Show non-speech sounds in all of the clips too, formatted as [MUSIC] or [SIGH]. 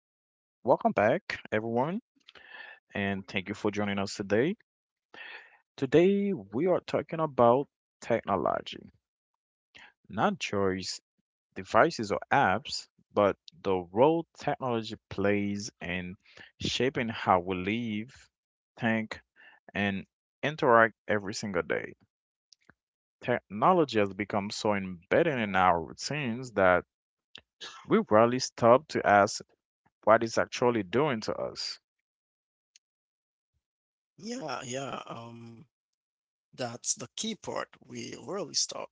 Welcome back, everyone, and thank you for joining us today. Today, we are talking about technology, not choice, devices, or apps, but the role technology plays in shaping how we live, think, and interact every single day. Technology has become so embedded in our routines that we rarely stop to ask what it's actually doing to us. Yeah, yeah. That's the key part. We really stop.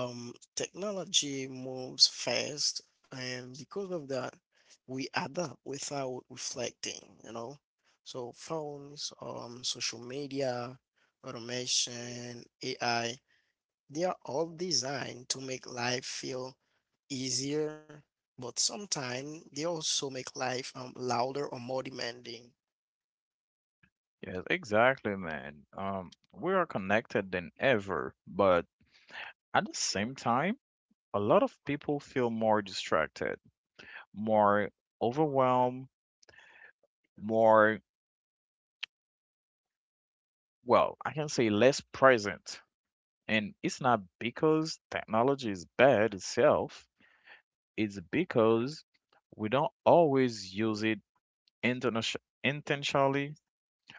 Technology moves fast, and because of that, we adapt without reflecting. So phones, social media, automation, AI, they are all designed to make life feel easier, but sometimes they also make life louder or more demanding. Yes, exactly, man. We are connected than ever, but at the same time, a lot of people feel more distracted, more overwhelmed, more, well, I can say less present. And it's not because technology is bad itself, it's because we don't always use it internati- intentionally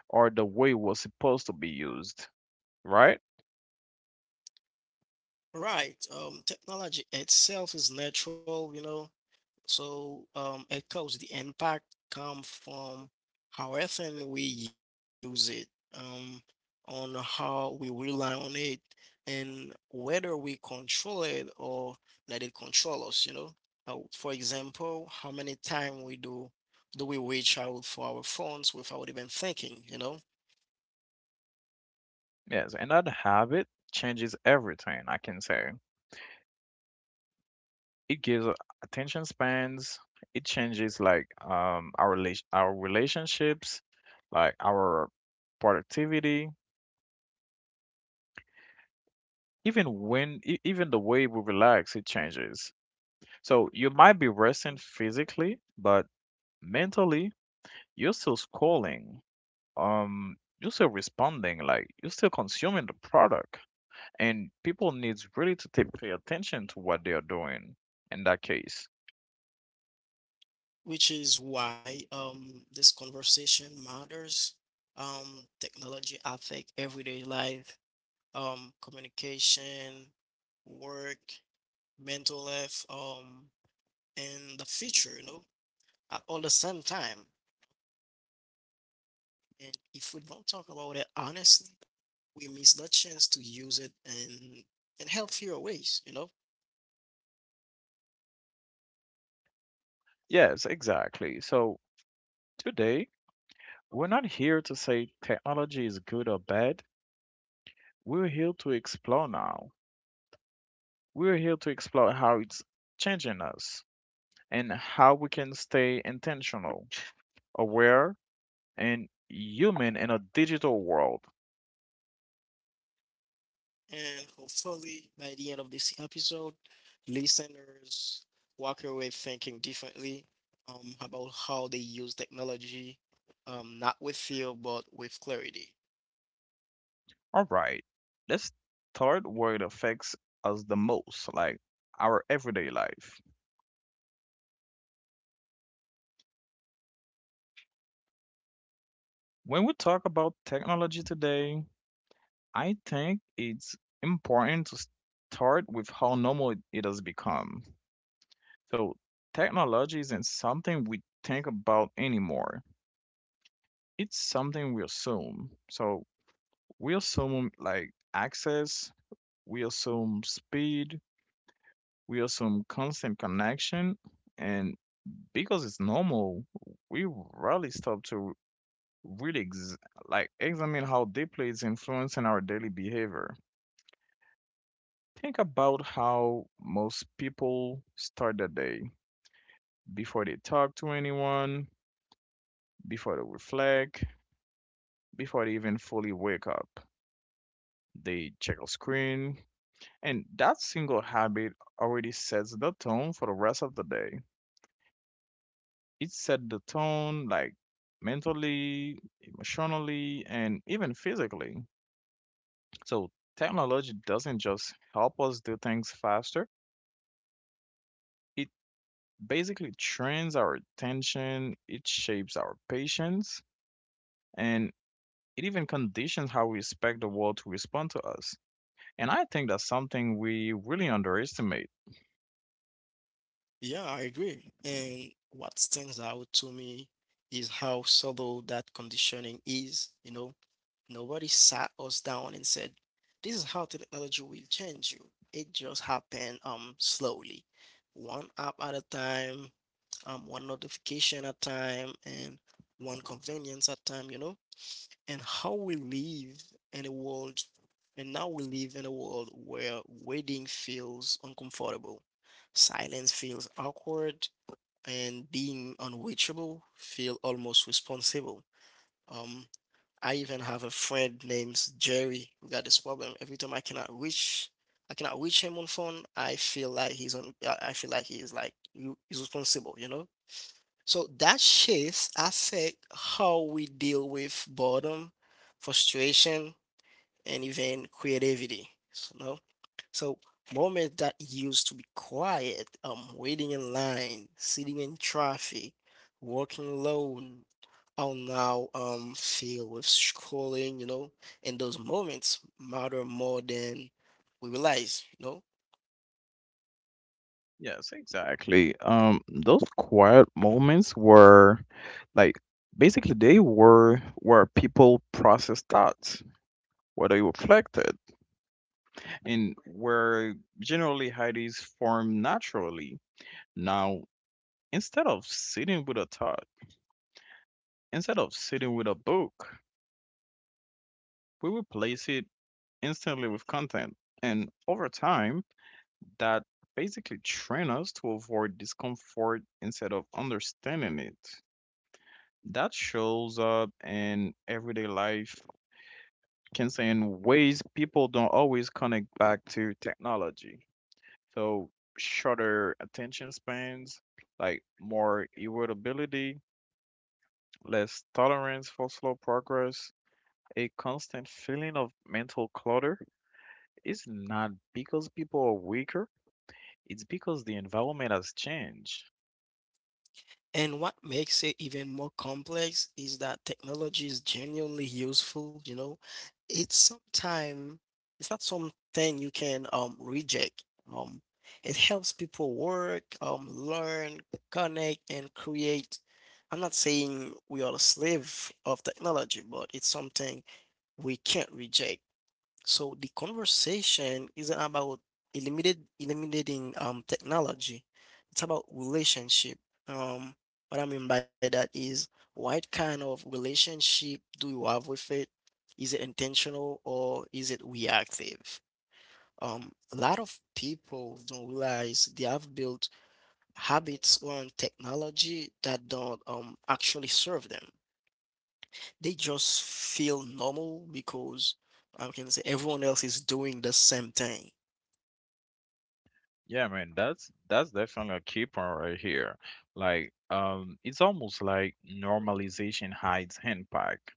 or the way it was supposed to be used, right? Right. Technology itself is natural. So, it cause the impact come from how often we use it, um, on how we rely on it, and whether we control it or let it control us. For example, how many times we do do we reach out for our phones without even thinking, you know? Yes, and that habit changes everything, I can say. It gives attention spans. It changes like our relation our relationships, like our productivity, even when even the way we relax, it changes. So you might be resting physically, but mentally you're still scrolling. You're still responding, like you're still consuming the product, and people needs really to take, pay attention to what they are doing in that case. Which is why this conversation matters. Technology affect everyday life communication, work, mental health, and the future, at all the same time. And if we don't talk about it honestly, we miss the chance to use it in healthier ways. Yes, exactly. So today we're not here to say technology is good or bad. We're here to explore now. We're here to explore how it's changing us and how we can stay intentional, aware, and human in a digital world. And hopefully by the end of this episode, listeners walk away thinking differently about how they use technology, not with fear but with clarity. All right, let's start where it affects us the most, like our everyday life. When we talk about technology today, I think it's important to start with how normal it has become. So, technology isn't something we think about anymore. It's something we assume. So, we assume like access, we assume speed, we assume constant connection, and because it's normal, we rarely stop to really like examine how deeply it's influencing our daily behavior. Think about how most people start their day before they talk to anyone, before they reflect, before they even fully wake up. They check a screen, and that single habit already sets the tone for the rest of the day. It set the tone like mentally, emotionally, and even physically. So technology doesn't just help us do things faster. It basically trains our attention, it shapes our patience, and it even conditions how we expect the world to respond to us. And I think that's something we really underestimate. Yeah, I agree. And what stands out to me is how subtle that conditioning is. You know, nobody sat us down and said, "This is how technology will change you." It just happened slowly, one app at a time, one notification at a time, and one convenience at a time. And how we live in a world, and now we live in a world where waiting feels uncomfortable, silence feels awkward, and being unreachable feel almost responsible. Um, I even have a friend named Jerry who got this problem. Every time I cannot reach him on phone. I feel like he's on. I feel like he's responsible. So that shifts affect how we deal with boredom, frustration, and even creativity. So, no? So moments that used to be quiet, waiting in line, sitting in traffic, walking alone, are now filled with scrolling. And those moments matter more than we realize. Yes, exactly. Those quiet moments were like basically they were where people process thoughts, where they reflected, and where generally ideas form naturally. Now, instead of sitting with a thought, instead of sitting with a book, we replace it instantly with content. And over time, that basically train us to avoid discomfort instead of understanding it. That shows up in everyday life, can say in ways people don't always connect back to technology. So shorter attention spans, like more irritability, less tolerance for slow progress, a constant feeling of mental clutter is not because people are weaker, it's because the environment has changed. And what makes it even more complex is that technology is genuinely useful. It's sometime it's not something you can reject. Um it helps people work, learn, connect and create. I'm not saying we are a slave of technology, but it's something we can't reject. So the conversation isn't about eliminated eliminating technology. It's about relationship. Um, what I mean by that is what kind of relationship do you have with it? Is it intentional or is it reactive? A lot of people don't realize they have built habits on technology that don't actually serve them. They just feel normal because I can say everyone else is doing the same thing. Yeah, man, that's definitely a key point right here. Like, it's almost like normalization hides impact.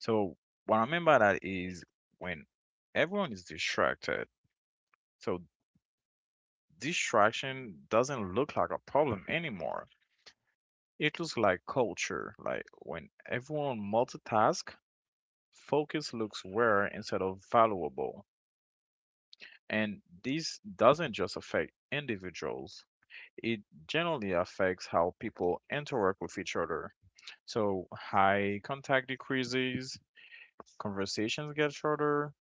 So what I mean by that is when everyone is distracted, so distraction doesn't look like a problem anymore. It looks like culture. Like when everyone multitask, focus looks rare instead of valuable. And this doesn't just affect individuals. It generally affects how people interact with each other. So, high contact decreases, conversations get shorter,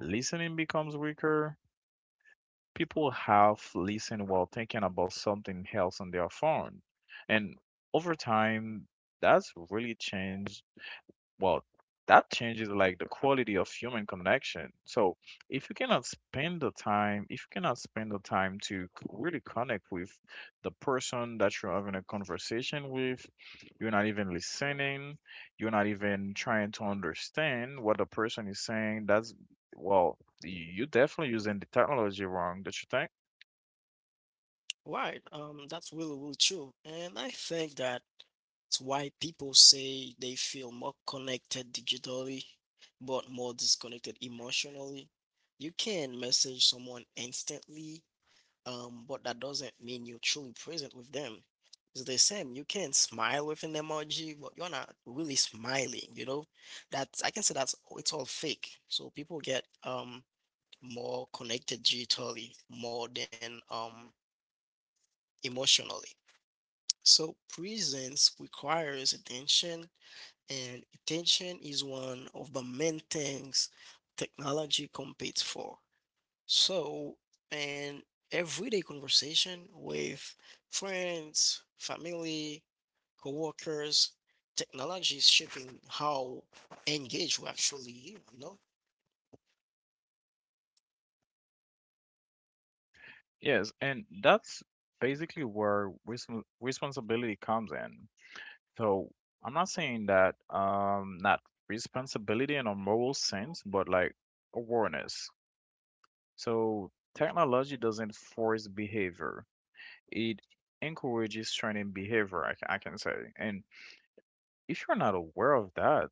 listening becomes weaker. People have listened while thinking about something else on their phone. And over time, that's really changed. Well, that changes like the quality of human connection. So if you cannot spend the time, if you cannot spend the time to really connect with the person that you're having a conversation with, you're not even listening, you're not even trying to understand what the person is saying. That's, well, you're definitely using the technology wrong, don't you think? Right. That's really, really true. And I think that it's why people say they feel more connected digitally, but more disconnected emotionally. You can message someone instantly, but that doesn't mean you're truly present with them. It's the same. You can smile with an emoji, but you're not really smiling, you know? That's I can say that's it's all fake. So people get more connected digitally more than emotionally. So presence requires attention and attention is one of the main things technology competes for. So, an everyday conversation with friends, family, coworkers, technology is shaping how engaged we actually, you know? Yes, and that's basically where responsibility comes in. So I'm not saying that not responsibility in a moral sense, but like awareness. So technology doesn't force behavior. It encourages training behavior, I can say. And if you're not aware of that,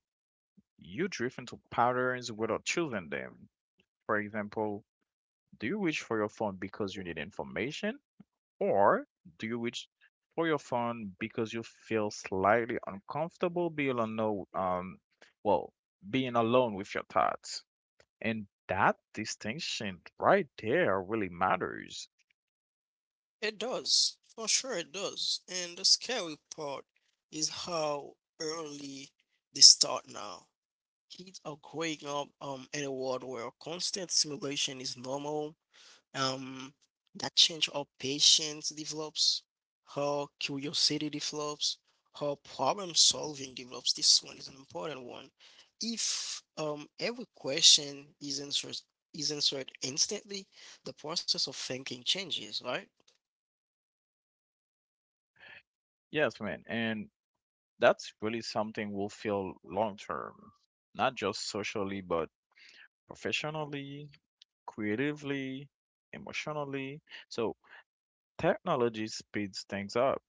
you drift into patterns without choosing them. For example, do you reach for your phone because you need information? Or do you reach for your phone because you feel slightly uncomfortable being alone, no, well, being alone with your thoughts? And that distinction right there really matters. It does. For sure it does. And the scary part is how early they start now. Kids are growing up in a world where constant stimulation is normal um that change how patience develops, how curiosity develops, how problem solving develops. This one is an important one. If every question is answered instantly, the process of thinking changes, right? Yes, man. And that's really something will feel long term, not just socially, but professionally, creatively, emotionally. So technology speeds things up,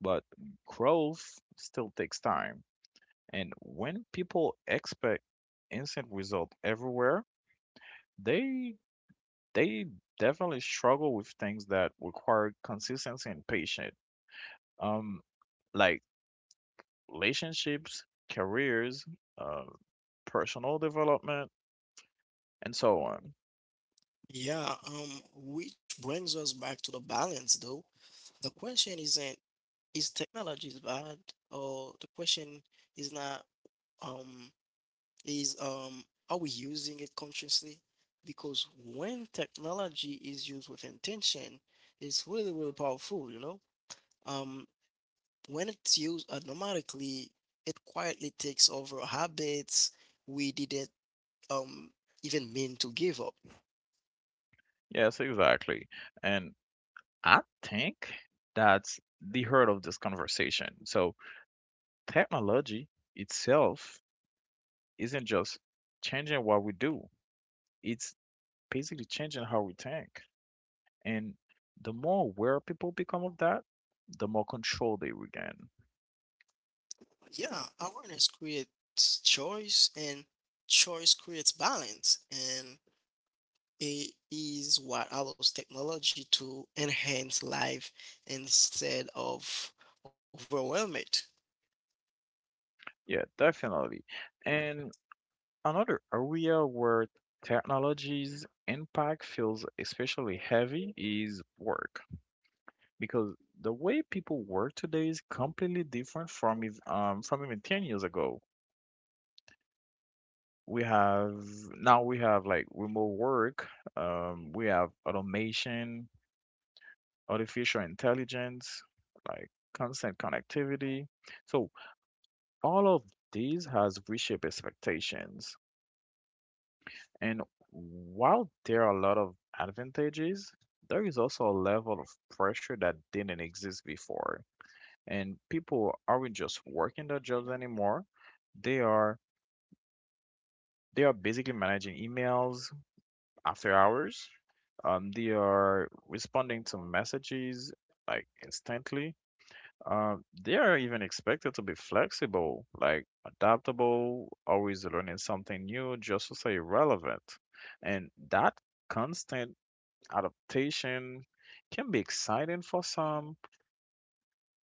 but growth still takes time. And when people expect instant result everywhere, they they definitely struggle with things that require consistency and patience. Um, like relationships, careers, uh, personal development, and so on. Yeah, which brings us back to the balance though. The question isn't is technology is bad, or the question is not um is are we using it consciously? Because when technology is used with intention, it's really, really powerful, you know? Um, when it's used automatically, it quietly takes over habits we didn't um even mean to give up. Yes, exactly. And I think that's the heart of this conversation. So, technology itself isn't just changing what we do, it's basically changing how we think. And the more aware people become of that, the more control they regain. Yeah, awareness creates choice and choice creates balance. And it is what allows technology to enhance life instead of overwhelm it. Yeah, definitely. And another area where technology's impact feels especially heavy is work, because the way people work today is completely different from from even 10 years ago. We have now we have like remote work, we have automation, artificial intelligence, like constant connectivity. So all of these has reshaped expectations. And while there are a lot of advantages, there is also a level of pressure that didn't exist before. And people aren't just working their jobs anymore. They are they are basically managing emails after hours. They are responding to messages like instantly. They are even expected to be flexible, like adaptable, always learning something new just to stay relevant. And that constant adaptation can be exciting for some,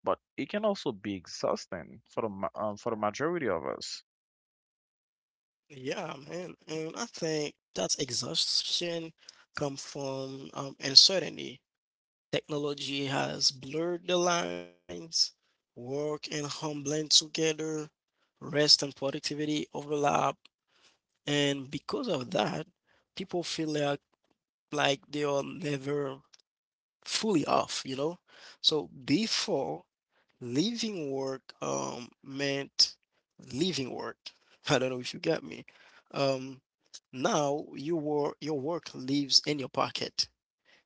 but it can also be exhausting for the for the majority of us. Yeah, man. And I think that exhaustion comes from uncertainty. Technology has blurred the lines, work and home blend together, rest and productivity overlap. And because of that, people feel like they are never fully off, you know? So before, leaving work meant leaving work. [LAUGHS] I don't know if you get me. Um, Now your work lives in your pocket.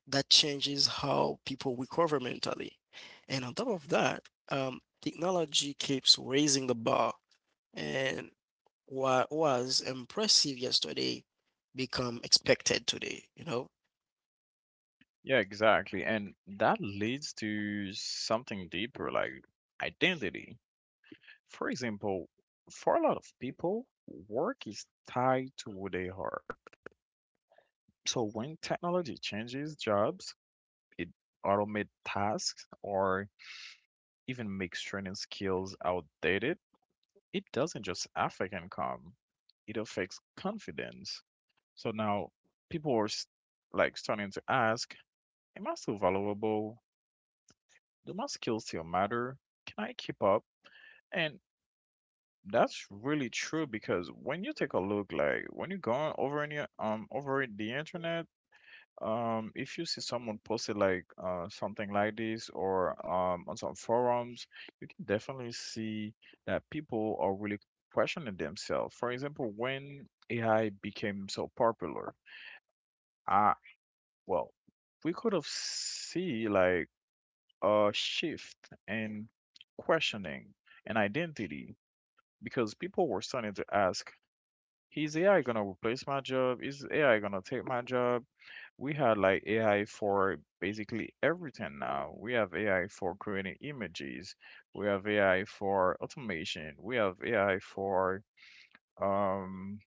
That changes how people recover mentally. And on top of that, technology keeps raising the bar, and what was impressive yesterday become expected today, you know? Yeah, exactly. And that leads to something deeper like identity. For example, for a lot of people, work is tied to who they are. So when technology changes jobs, it automates tasks or even makes training skills outdated, it doesn't just affect income, it affects confidence. So now people are s- like starting to ask, am I still valuable? Do my skills still matter? Can I keep up? And that's really true because when you take a look, like when you go over any over the internet, if you see someone posted like something like this or on some forums, you can definitely see that people are really questioning themselves. For example, when AI became so popular, I well, we could have see like a shift in questioning and identity because people were starting to ask, is AI gonna replace my job? Is AI gonna take my job? We had like AI for basically everything now. We have AI for creating images. We have AI for automation. We have AI for um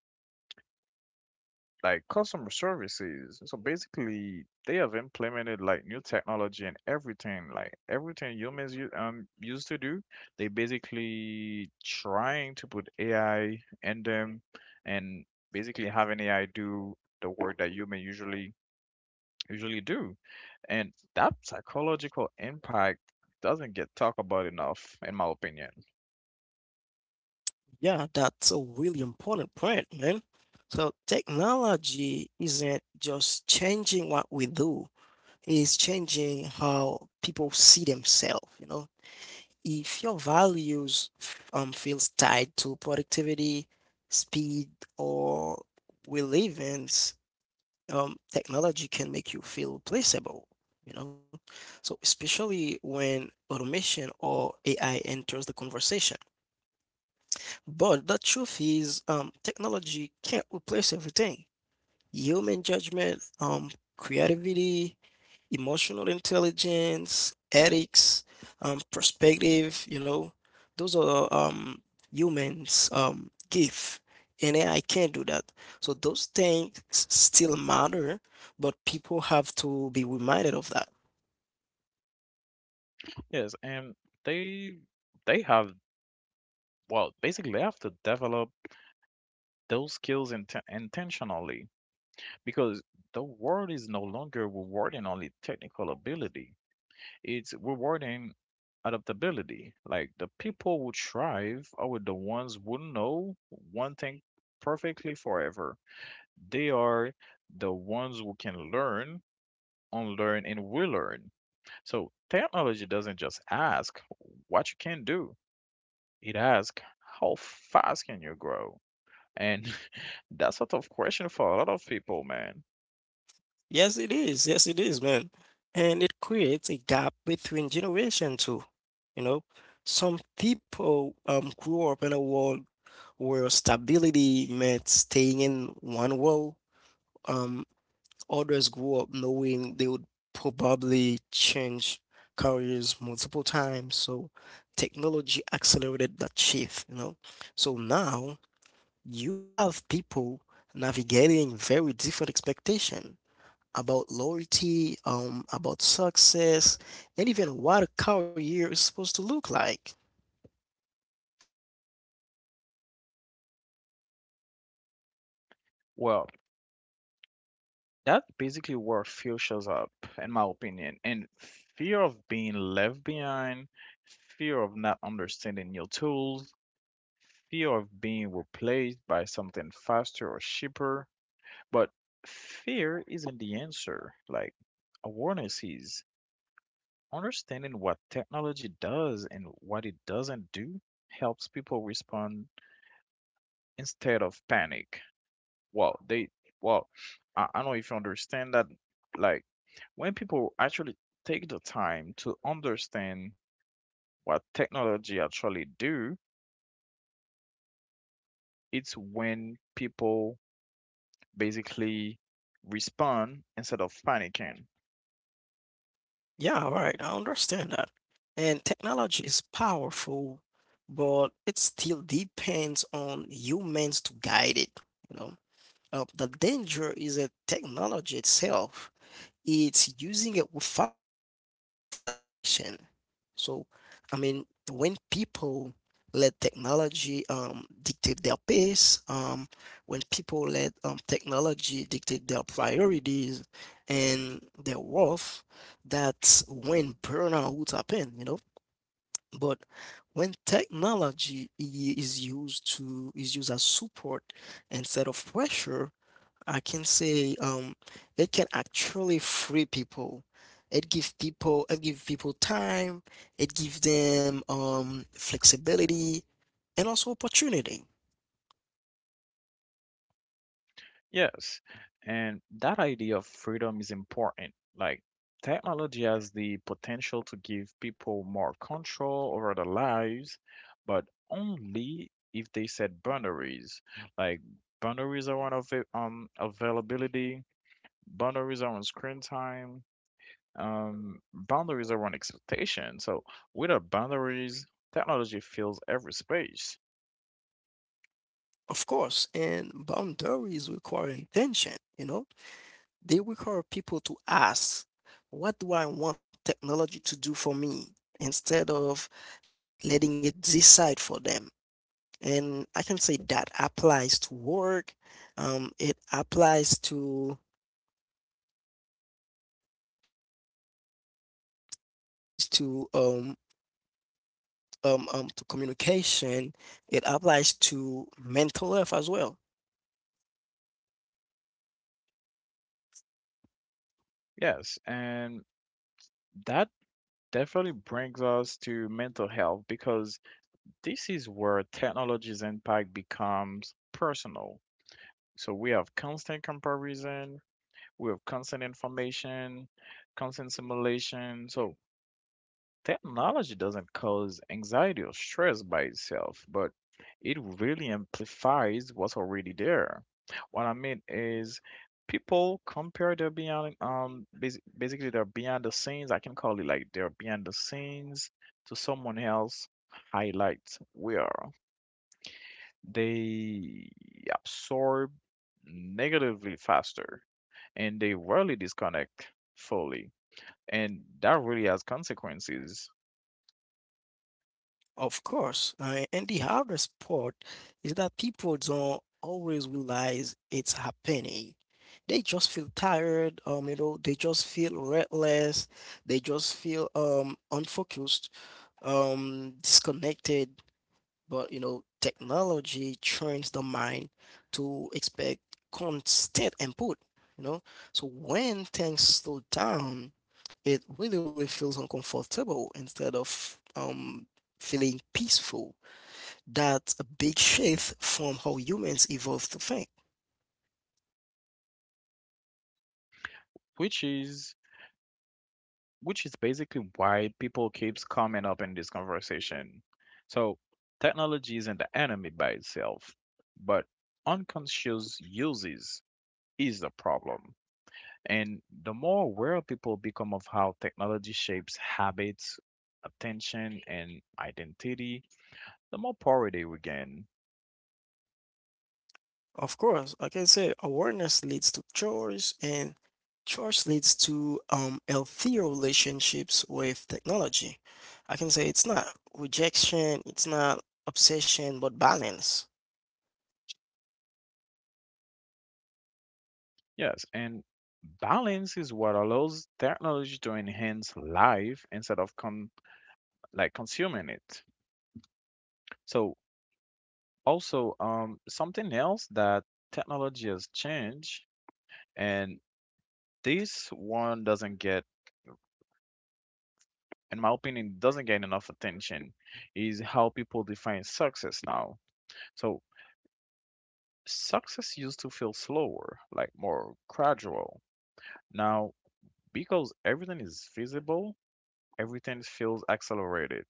like customer services. So basically, they have implemented like new technology and everything, like everything humans used to do. They basically trying to put AI in them and basically having AI do the work that human usually do. And that psychological impact doesn't get talked about enough, in my opinion. Yeah, that's a really important point, man. So technology isn't just changing what we do, it's changing how people see themselves. If your values feels tied to productivity, speed, or relevance, technology can make you feel replaceable, you know. So especially when automation or AI enters the conversation. But the truth is, technology can't replace everything. Human judgment, creativity, emotional intelligence, ethics, perspective, those are humans' gift. And AI can't do that. So those things still matter, but people have to be reminded of that. Yes, and they they have well, basically they have to develop those skills intentionally because the world is no longer rewarding only technical ability. It's rewarding adaptability. Like the people who thrive are the ones who know one thing perfectly forever. They are the ones who can learn, unlearn, and relearn. So technology doesn't just ask what you can do, it asks how fast can you grow? And [LAUGHS] that's sort of question for a lot of people, man. Yes, it is. Yes, it is, man. And it creates a gap between generation too. You know, some people grew up in a world where stability meant staying in one role. Um, Others grew up knowing they would probably change careers multiple times. So technology accelerated that shift. So now you have people navigating very different expectations about loyalty, about success, and even what a career is supposed to look like. Well, that's basically where fear shows up, in my opinion. And fear of being left behind, fear of not understanding new tools, fear of being replaced by something faster or cheaper. But fear isn't the answer. Like, awareness is understanding what technology does and what it doesn't do helps people respond instead of panic. Wow, they wow. I don't know if you understand that like when people actually take the time to understand what technology actually do, it's when people basically respond instead of panicking. Yeah, right. I understand that. And technology is powerful, but it still depends on humans to guide it, you know. The danger is that technology itself. It's using it without reflection. So, I mean, when people let technology dictate their pace, when people let technology dictate their priorities and their worth, that's when burnout happen. But when technology is used as support instead of pressure, I can say it can actually free people. It gives people time, it gives them flexibility and also opportunity. Yes, and that idea of freedom is important. Like, technology has the potential to give people more control over their lives, but only if they set boundaries. Like, boundaries are on availability, boundaries are on screen time, boundaries are on expectation. So, without boundaries, technology fills every space. Of course, and boundaries require intention, you know? They require people to ask, what do I want technology to do for me? Instead of letting it decide for them. And I can say that applies to work, um, it applies to it applies to communication. It applies to mental health as well, Yes, and that definitely brings us to mental health because this is where technology's impact becomes personal. So we have constant comparison, we have constant information, constant simulation. So technology doesn't cause anxiety or stress by itself, but it really amplifies what's already there. What I mean is, people compare their basically their behind the scenes. I can call it like their behind the scenes to someone else highlights where they absorb negatively faster and they rarely disconnect fully. And that really has consequences, of course. And the hardest part is that people don't always realize it's happening. They just feel tired, they just feel restless, they just feel unfocused, disconnected. But technology trains the mind to expect constant input, you know. So when things slow down, it really, really feels uncomfortable instead of feeling peaceful. That's a big shift from how humans evolved to think. which is which is basically why people keeps coming up in this conversation. So technology isn't the enemy by itself, but unconscious uses is the problem. And the more aware people become of how technology shapes habits, attention, and identity, the more power they will gain. Of course, like I said, awareness leads to choice, and choice leads to healthier relationships with technology. I can say it's not rejection, it's not obsession, but balance. Yes, and balance is what allows technology to enhance life instead of like consuming it. So also, something else that technology has changed, and this one doesn't get, in my opinion, doesn't get enough attention, is how people define success now. So, success used to feel slower, like more gradual. Now, because everything is visible, everything feels accelerated.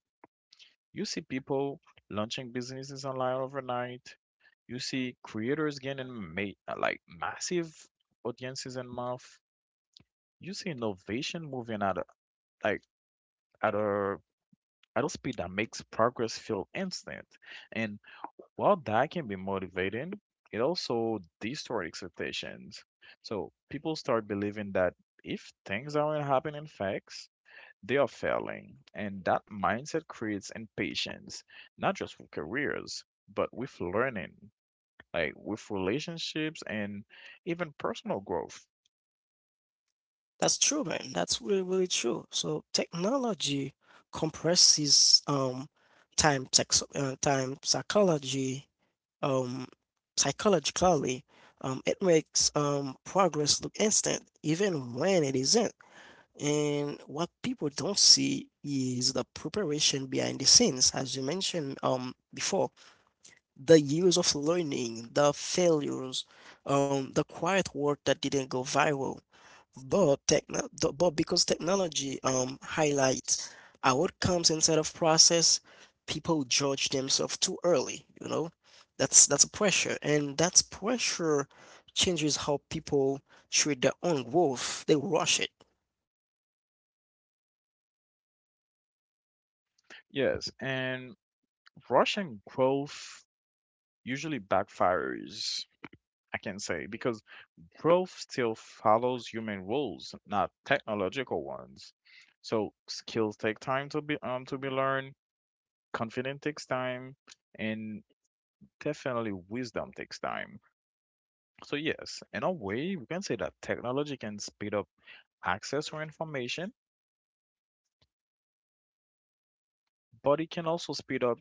You see people launching businesses online overnight. You see creators gaining like massive audiences and month. You see innovation moving at like at a speed that makes progress feel instant. And while that can be motivating, it also distorts expectations. So people start believing that if things aren't happening fast, they are failing. And that mindset creates impatience, not just with careers, but with learning, like with relationships and even personal growth. That's true, man. That's really, really true. So technology compresses time psychology, um, psychologically. It makes progress look instant, even when it isn't. And what people don't see is the preparation behind the scenes, as you mentioned before, the years of learning, the failures, the quiet work that didn't go viral. But because technology highlights outcomes instead of process, people judge themselves too early, you know? That's pressure, and that's pressure changes how people treat their own growth. They rush it. Yes, and rushing growth usually backfires, I can say, because growth still follows human rules, not technological ones. So skills take time to be learned, confidence takes time, and definitely wisdom takes time. So yes, in a way, we can say that technology can speed up access for information, but it can also speed up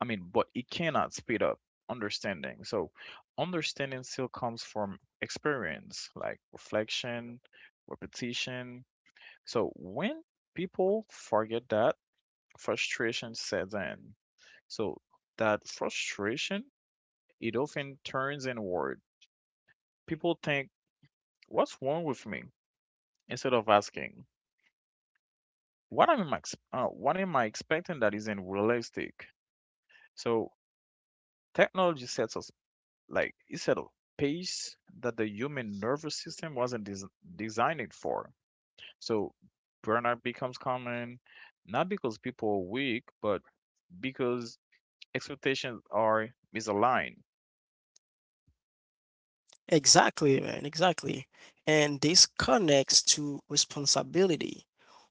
but it cannot speed up understanding. So, understanding still comes from experience, like reflection, repetition. So, when people forget that, frustration sets in. So, that frustration, it often turns inward. People think, what's wrong with me? Instead of asking, what am I expecting that isn't realistic? So, technology sets us like it's at a pace that the human nervous system wasn't des- designed for. So burnout becomes common not because people are weak, but because expectations are misaligned. Exactly, man. Exactly. And this connects to responsibility.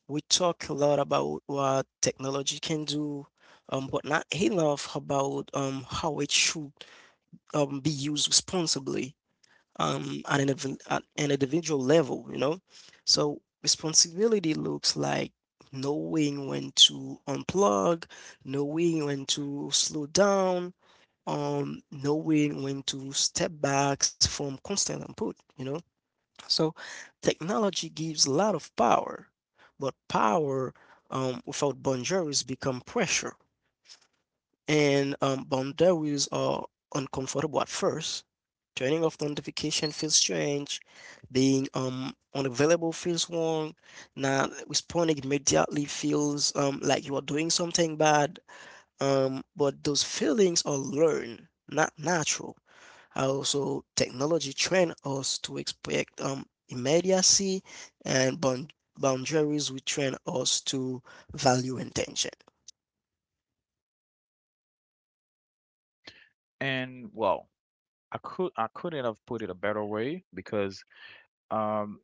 We talk a lot about what technology can do, but not enough about how it should be used responsibly at an individual level, you know? So responsibility looks like knowing when to unplug, knowing when to slow down, knowing when to step back from constant input, you know? So technology gives a lot of power, but power without boundaries become pressure and boundaries are uncomfortable at first. Turning off the notification feels strange. Being unavailable feels wrong. Not responding immediately feels like you are doing something bad. But those feelings are learned, not natural. Also, technology trained us to expect immediacy, and boundaries we train us to value intention. And well, I couldn't have put it a better way because um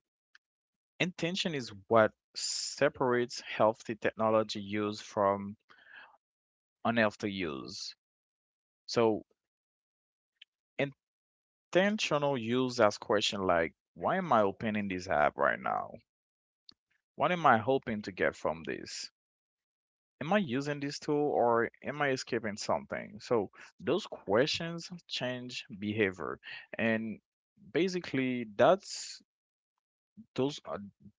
intention is what separates healthy technology use from unhealthy use. So, intentional use asks questions like, why am I opening this app right now? What am I hoping to get from this? Am I using this tool or am I escaping something? So, those questions change behavior. And basically, that's those are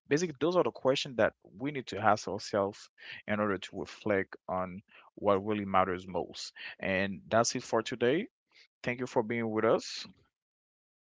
basically those are the questions that we need to ask ourselves in order to reflect on what really matters most. And that's it for today. Thank you for being with us.